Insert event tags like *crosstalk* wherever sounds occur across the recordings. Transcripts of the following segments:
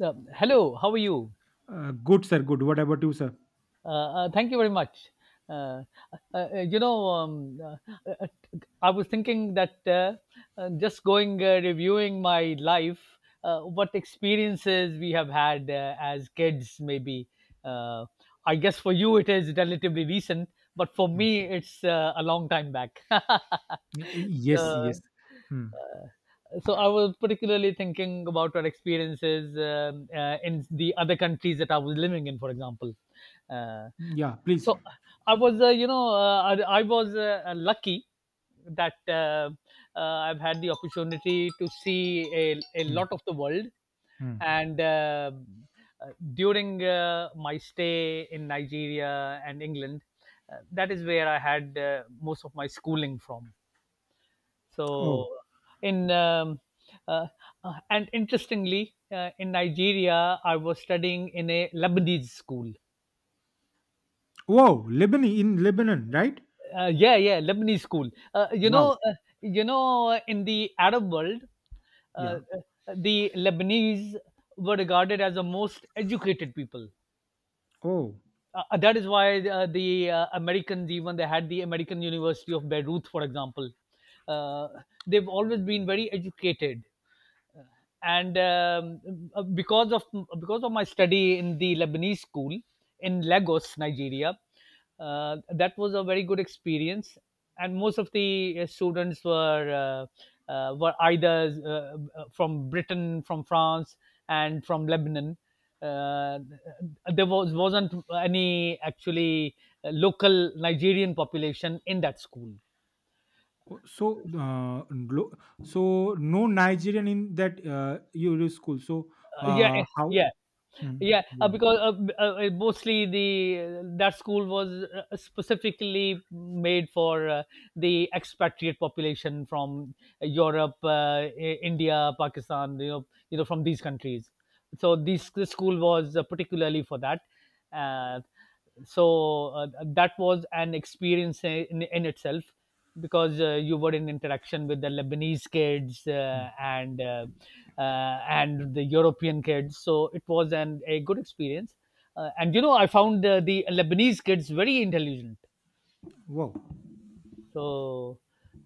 Hello, how are you? Good, sir. Good. What about you, sir? Thank you very much. Uh, you know, uh, uh, I was thinking that just going reviewing my life, what experiences we have had as kids, maybe. Uh, I guess for you it is relatively recent, but for Mm. me it's a long time back. *laughs* Yes, yes. Hmm. So I was particularly thinking about our experiences in the other countries that I was living in, for example. Uh, Yeah, please. so I was, I was lucky that I've had the opportunity to see a Hmm. lot of the world. Hmm. And during my stay in Nigeria and England, that is where I had most of my schooling from. So, Oh, in uh, and interestingly, in Nigeria, I was studying in a Lebanese school. wow. Lebanon in Lebanon, right? Yeah, yeah, Lebanese school. Wow. In the Arab world, Yeah. uh, the Lebanese were regarded as the most educated people. Oh. That is why the Americans, even they had the American University of Beirut, for example. uh, they've always been very educated. Uh, And because of Because of my study in the Lebanese school in Lagos, Nigeria, that was a very good experience. And most of the students were either from Britain, from France, and from Lebanon. Uh, there was Wasn't any actually local Nigerian population in that school. Oh, so no Nigerian in that Euro school. So, Yeah, eh, how? yeah, Hmm. yeah. Wow. Because mostly the that school was specifically made for the expatriate population from Europe, India, Pakistan. You know, from these countries. So this school was particularly for that. Uh, so that was an experience in itself, because you were in interaction with the Lebanese kids Hmm. And the European kids, so it was an a good experience. And you know, I found the Lebanese kids very intelligent. Wow. so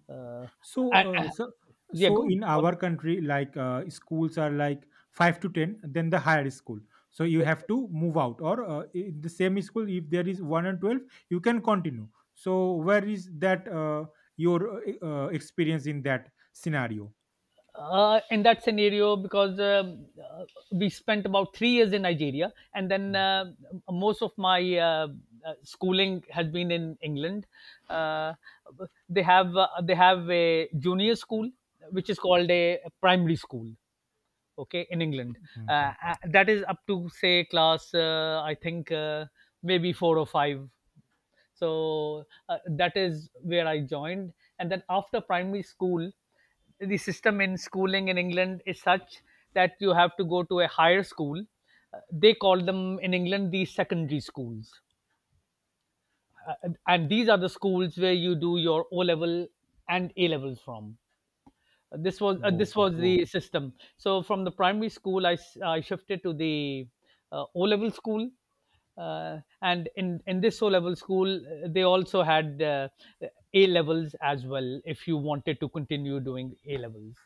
uh, So, and, uh, uh, so, yeah, so, go on, in go on. our country, like, schools are like five to ten, then the higher school. So you have to move out, or, in the same school, if there is 1 and 12, you can continue. So where is that, your experience in that scenario? In that scenario, because we spent about 3 years in Nigeria, and then most of my schooling has been in England. Uh, they have a junior school, which is called a primary school. Okay, in England, Mhm. That is up to say class I think maybe four or five. That is where I joined, and then after primary school, the system in schooling in England is such that you have to go to a higher school. Uh, they call them in England the secondary schools. And these are the schools where you do your O level and A levels from. Whoa, This was whoa. the system. So from the primary school, I shifted to the O level school, and in this O level school, they also had A levels as well, if you wanted to continue doing A levels.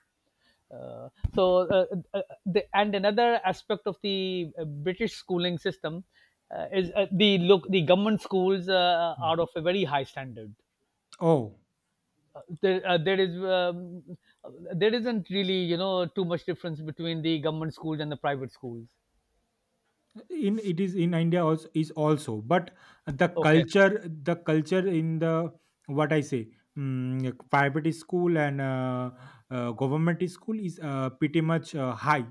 Uh, so uh, uh, the, and another aspect of the British schooling system is the government schools Mm. are of a very high standard. Oh. uh, there, uh, there is um, uh, there isn't really, you know, too much difference between the government schools and the private schools. in It is in India also, is also, but the Okay. culture the culture in the, what I say, like private school and government school is pretty much high.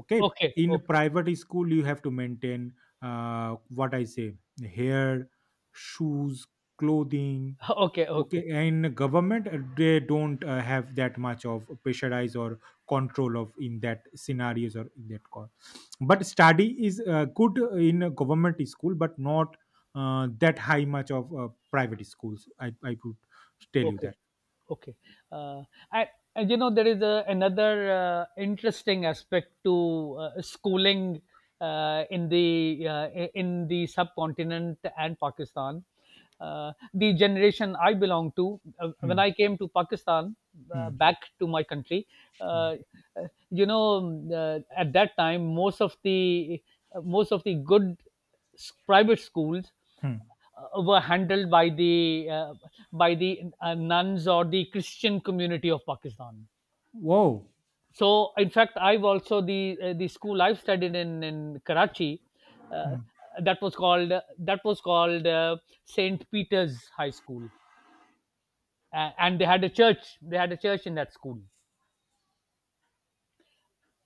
Okay. Okay. In Okay. private school, you have to maintain, what I say, hair, shoes, clothing. *laughs* Okay, Okay, okay. in government, they don't have that much of pressurize or control of in that scenarios or in that call. But study is good in a government school, but not that high much of private schools. I would tell you Okay, that. okay. Uh, I, and you know, there is another interesting aspect to schooling in the in the subcontinent and Pakistan. The generation I belong to, when Hmm, I came to Pakistan, hmm, back to my country, hmm, uh, you know, at that time, most of the good private schools hmm. Were handled by the nuns or the Christian community of Pakistan. Wow. So, in fact, I've also the school I've studied in Karachi, uh, Hmm. that was called that was called Saint Peter's High School, and they had a church. They had a church in that school.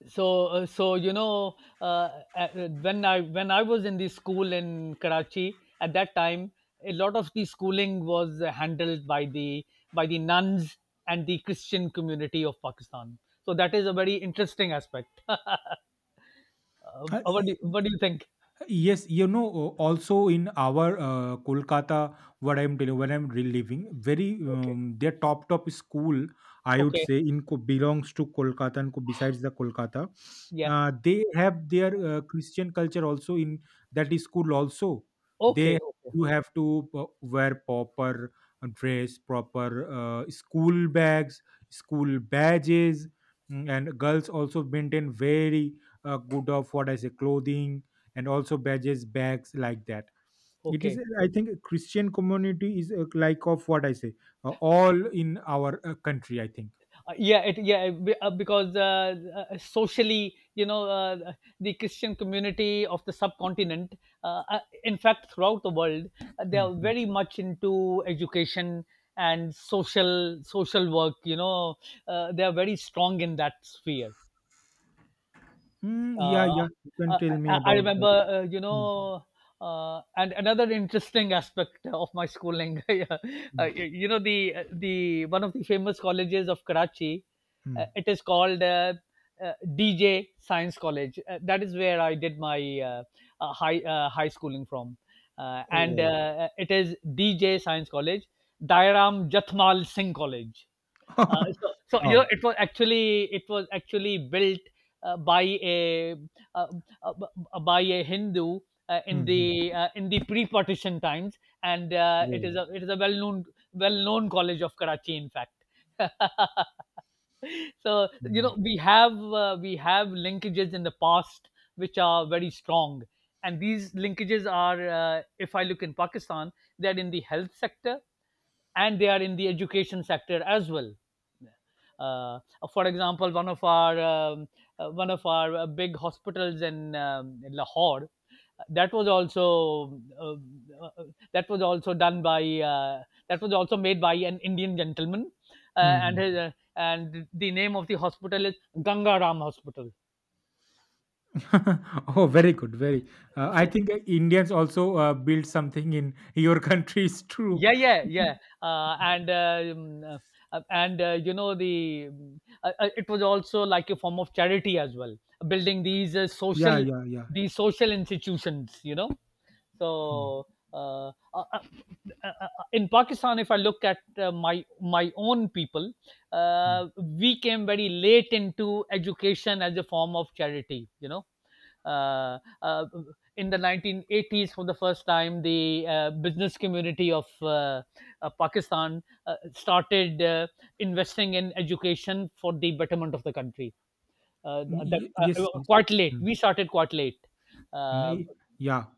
So you know, when I when I was in the school in Karachi at that time, a lot of the schooling was handled by the nuns and the Christian community of Pakistan. So that is a very interesting aspect. *laughs* Uh, e, What do you think? Yes, also in our Kolkata, what I'm telling, when I'm reliving, very Okay, their top school, I would okay. say, in belongs to Kolkata, and besides the Kolkata, Yeah. They have their Christian culture also in that school also. They Okay, okay, You have to wear proper dress, proper school bags, school badges, and girls also maintain very good of what I say clothing, and also badges, bags, like that. It is, okay. I think, Christian community is, like of what I say, all in our country, I think. Yeah, yeah, because socially, you know, the Christian community of the subcontinent, uh, uh, in fact, throughout the world, they are Mm, mm. very much into education and social work. You know, they are very strong in that sphere. Mm, yeah, uh, yeah, you can uh, tell me I about that. remember, Mm, and another interesting aspect of my schooling, *laughs* yeah, mm, you know, the one of the famous colleges of Karachi, mm. it is called DJ Science College. That is where I did my high schooling from, and Oh. It is DJ Science College, Dairam Jathmal Singh College. Uh, *laughs* so, so you know, Oh. It was actually built by a uh, by a Hindu Mm, mm. In the pre-partition times, and it Well. is a well-known college of Karachi, in fact. *laughs* So you Mm, know, we have linkages in the past which are very strong, and these linkages are if I look in Pakistan, they're in the health sector and they are in the education sector as well. Uh, for example, one of our big hospitals in Lahore, that was also uh, uh, that was also done by that was also made by an Indian gentleman, uh, and mm. his, uh, and the name of the hospital is Gangaram Hospital. *laughs* Oh, very good. Very, I think, Indians also build something in *laughs* your country, is true. Yeah, yeah, yeah. uh, and uh, um, uh, and You know, the it was also like a form of charity as well, building these Yeah, social yeah, yeah. these social institutions, you know. Mm, So uh, uh, uh, uh, uh, in Pakistan, if I look at my own people, mm. We came very late into education as a form of charity. You know, uh, uh, in the 1980s, for the first time, the business community of Pakistan started investing in education for the betterment of the country. That Yes, yes. Quite late. Mm, We started quite late. mm. Uh, Yeah,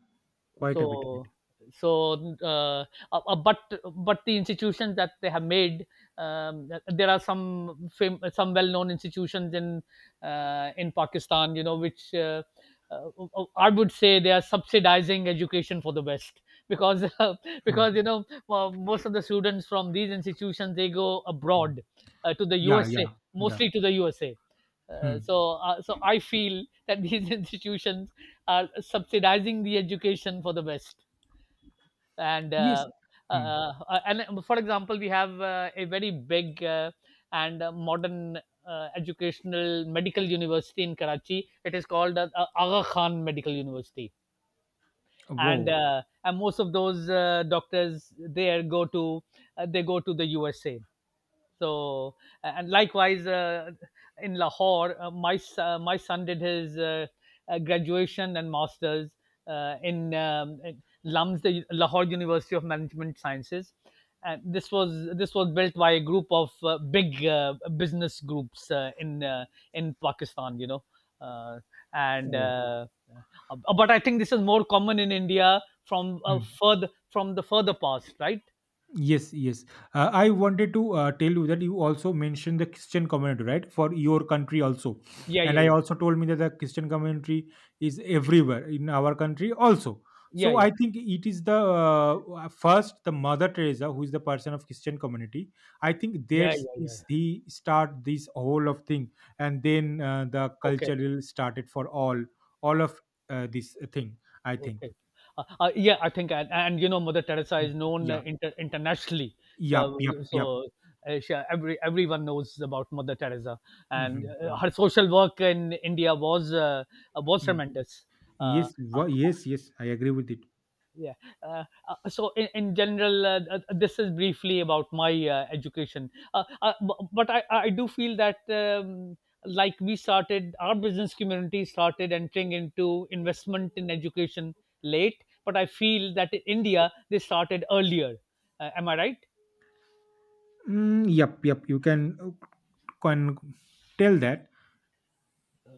quite a bit. so so, uh, uh, but the institutions that they have made, there are some some well-known institutions in Pakistan, you know, which uh, I would say they are subsidizing education for the West because *laughs* Mm, because you know, well, most of the students from these institutions, they go mm. abroad to the Yeah, yeah, USA, yeah. mostly to the USA. Uh, Mm. so uh, so I feel that these *laughs* institutions are subsidizing the education for the West. And Yes. uh, Mm. And For example, we have a very big and modern educational medical university in Karachi. It is called Aga Khan Medical University, Wow. And most of those doctors there go to they go to the USA. so, and likewise, in Lahore, my son did his graduation and masters in LUMS, the Lahore University of Management Sciences. And this was built by a group of big business groups in Pakistan, you know, uh, and Oh. But I think this is more common in India from Mm. further from the further past, right? Yes, yes. I wanted to tell you that you also mentioned the Christian community, right? For your country also. Yeah, yeah, And I yeah, also told me that the Christian community is everywhere in our country also. yeah, So yeah, I think it is the, first, the Mother Teresa, who is the person of Christian community. I think yeah, there's yeah, yeah. is he start this whole of thing, and then the Okay. cultural started for all, of this thing. I think. Okay. Yeah, I think, and you know, Mother Teresa is Mm. known Yeah. Internationally. Yup. So, Yup. Yup. so every everyone knows about Mother Teresa, and Hmm. her social work in India was tremendous. Uh, Yes, yes, yes. I agree with it. yeah so in general, this is briefly about my education but I do feel that like we started our business community started entering into investment in education late, but I feel that in India they started earlier. Am I right? Mm, yep, yep. You can tell that.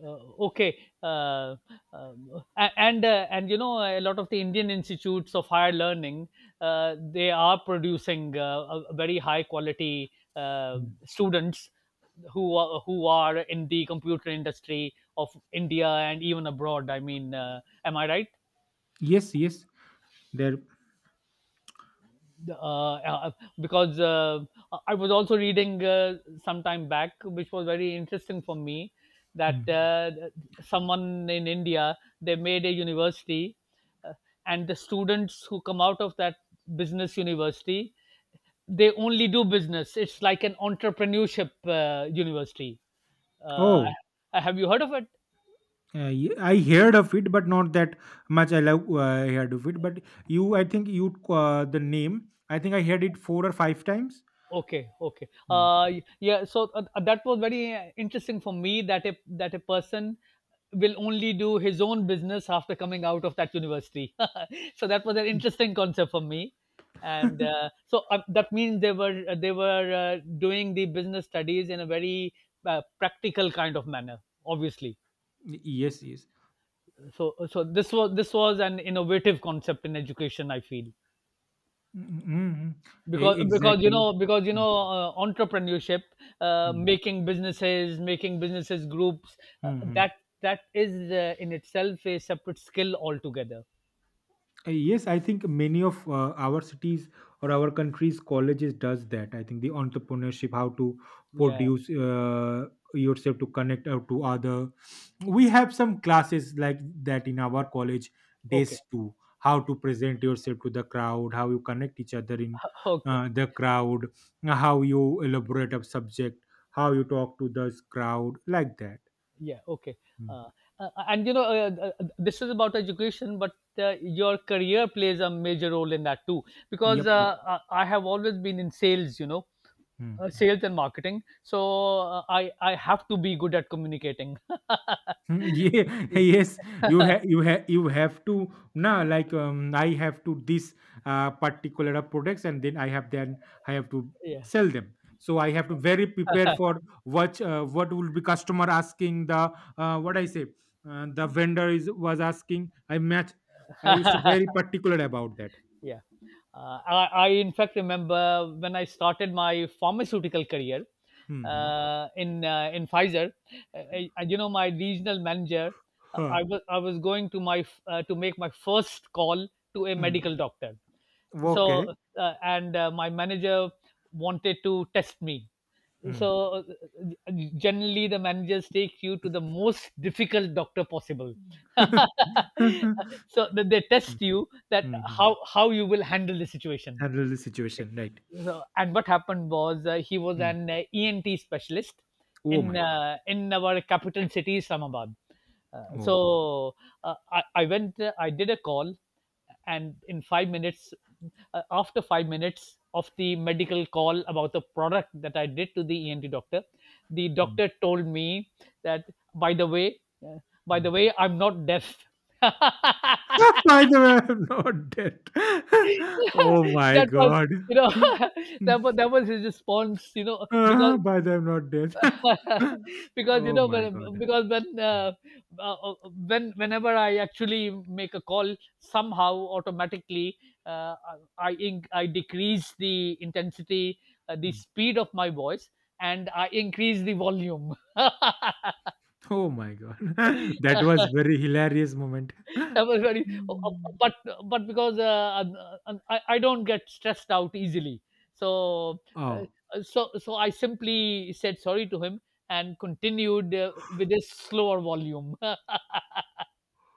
uh, okay. uh, and you know, a lot of the Indian institutes of higher learning, they are producing a very high quality Mm. students who are in the computer industry of India and even abroad, I mean. Am I right? Yes, yes. There. uh, uh, because I was also reading some time back, which was very interesting for me, that Mm. Someone in India they made a university, uh, and the students who come out of that business university they only do business. It's like an entrepreneurship university. Uh, Oh, have you heard of it? I heard of it, but not that much. I love, heard of it, but you, I think you, the name. I think I heard it four or five times. Okay, okay. Mm. Yeah. So that was very interesting for me that a person will only do his own business after coming out of that university. *laughs* So that was an interesting concept for me, *laughs* and that means they were doing the business studies in a very practical kind of manner, obviously. Yes, yes. So this was, this was an innovative concept in education, I feel. Mm, mm, mm, mm. Because, because you Exactly. know because you Mm, know uh, entrepreneurship, uh, mm, making businesses making businesses groups, mm, uh, mm. that that is in itself a separate skill altogether. Yes, I think many of our cities or our countries colleges does that. I think the entrepreneurship, how to Yeah, produce yourself to connect out to other. We have some classes like that in our college days okay. too. How to present yourself to the crowd, how you connect each other in Okay, the crowd, how you elaborate a subject, how you talk to this crowd, like that. yeah, okay. Mm. uh, and you know, this is about education, but your career plays a major role in that too, Yep, because yep. I have always been in sales, you know, Mm. Sales and marketing. So I have to be good at communicating. Hmm, *laughs* yeah, *laughs* Yeah. yes, you have to now, like, I have to this particular products, and then I have to *laughs* Yeah. sell them. So I have to very prepare for what, what will be customer asking, the, what I say, the vendor is was asking. I match. I used to very particular about that. *laughs* Yeah. I in fact, remember when I started my pharmaceutical career Mm-hmm. in in Pfizer. You know, my regional manager, uh, Huh. I was I was going to my to make my first call to a Hmm. medical doctor. Okay. So, and my manager wanted to test me. Hmm. So, generally, the managers take you to the most difficult doctor possible. *laughs* *laughs* Hmm. So that they test you, that Hmm, hmm. How you will handle the situation. Handle the situation, right. So, and what happened was, he was Hmm. an ENT specialist Oh my god. In our capital city Islamabad. So I went, I did a call, and in 5 minutes, after 5 minutes of the medical call about the product that I did to the ENT doctor, the Oh. doctor told me that, by the way, uh, by the Mm. way, I'm not deaf. *laughs* *laughs* By the way, I'm not dead. *laughs* Oh *laughs* my That was, god. you know, *laughs* *laughs* that was, that was his response, you know, because By the way, I'm not dead. *laughs* *laughs* because you Oh know my when, god. because Mm, uh, uh, when whenever I actually make a call, somehow automatically uh, I decrease the intensity, the mm. speed of my voice, and I increase the volume. Oh my god. *laughs* That was *laughs* very hilarious moment. Everybody, Mm. but but because I I don't get stressed out easily, so uh, Oh, so I simply said sorry to him and continued with his slower volume.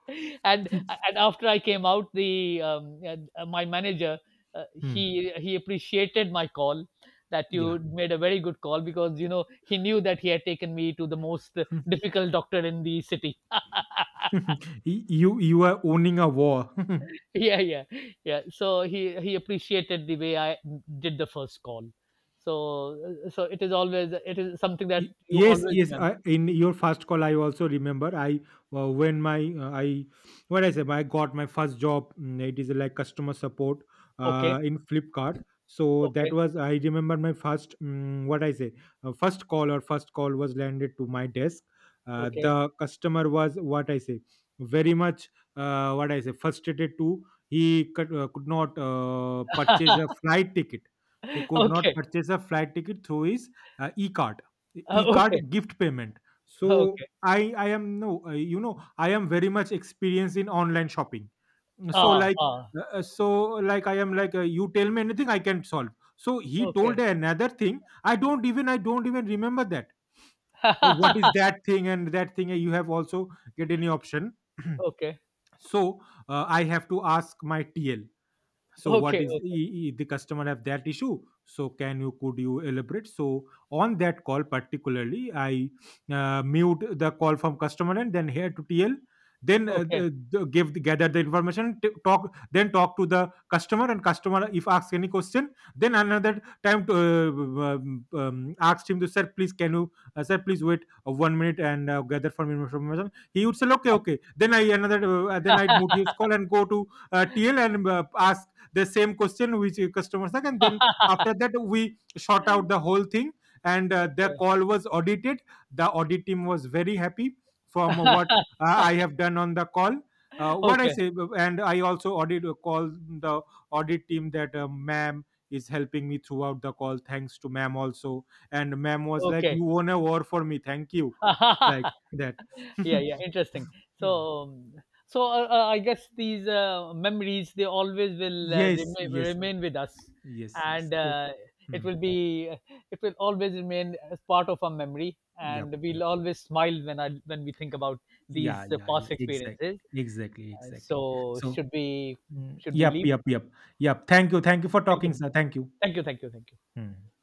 *laughs* And after I came out, the my manager uh, hmm, he he appreciated my call, that yeah. you made a very good call, because you know he knew that he had taken me to the most *laughs* difficult doctor in the city. *laughs* You are owning a war. *laughs* Yeah, yeah, yeah. So he appreciated the way I did the first call. So so it is always, it is something that you Yes, always yes. remember. I, in your first call, I also remember, I, when my, I, what I say, I got my first job. It is like customer support Okay, in Flipkart. So that okay, was, I remember my first, what I say, first call, or first call, was landed to my desk. Okay. The customer was, what I say, very much, what I say, frustrated too. He could not purchase a flight ticket. He *laughs* could not Okay. purchase a flight ticket through his e-card, Okay, gift payment. So, okay, i I am no, I am very much experienced in online shopping. So, ah, like, ah, uh, uh, so I am like, you tell me anything, I can solve. So he told okay. another thing, I don't even remember that. What is *laughs* that thing, and that thing, you have also, get any option. Okay, *clears throat* So, I have to ask my tl. So what okay, is, the customer have that issue? So, can you could you elaborate? So, on that call particularly, I mute the call from customer, and then here to tl. Then, okay, okay. Give the, gather the information, talk to the customer, and customer if asks any question. Then another time, to asked him to, sir please wait, 1 minute, and gather from information. He would say, okay, okay. Then I'd mute his call and go to TL, and ask the same question which a customer said. And then, *laughs* after that, we shot out the whole thing, and the Okay. call was audited. The audit team was very happy from what *laughs* I have done on the call, what I Okay, say. And I also audit call, the audit team, that ma'am is helping me throughout the call, thanks to ma'am also. And ma'am was like, okay. you won a war for me, thank you, like *laughs* that. Yeah, yeah, *laughs* interesting. So, Hmm. um, I guess these memories, they always will Yes, yes, remain with us, yes, yes. and So, uh, it hmm. will be it will always remain as part of our memory, Yep, and yep. we'll always smile when I when we think about these Yeah, yeah, yeah. past Exactly, experiences. exactly, uh, so exactly. So, should we mm, should we yep, leave? yep, yep, yep. Thank you for Thank talking, you, sir. Thank you. thank you, thank you, thank you. Hmm.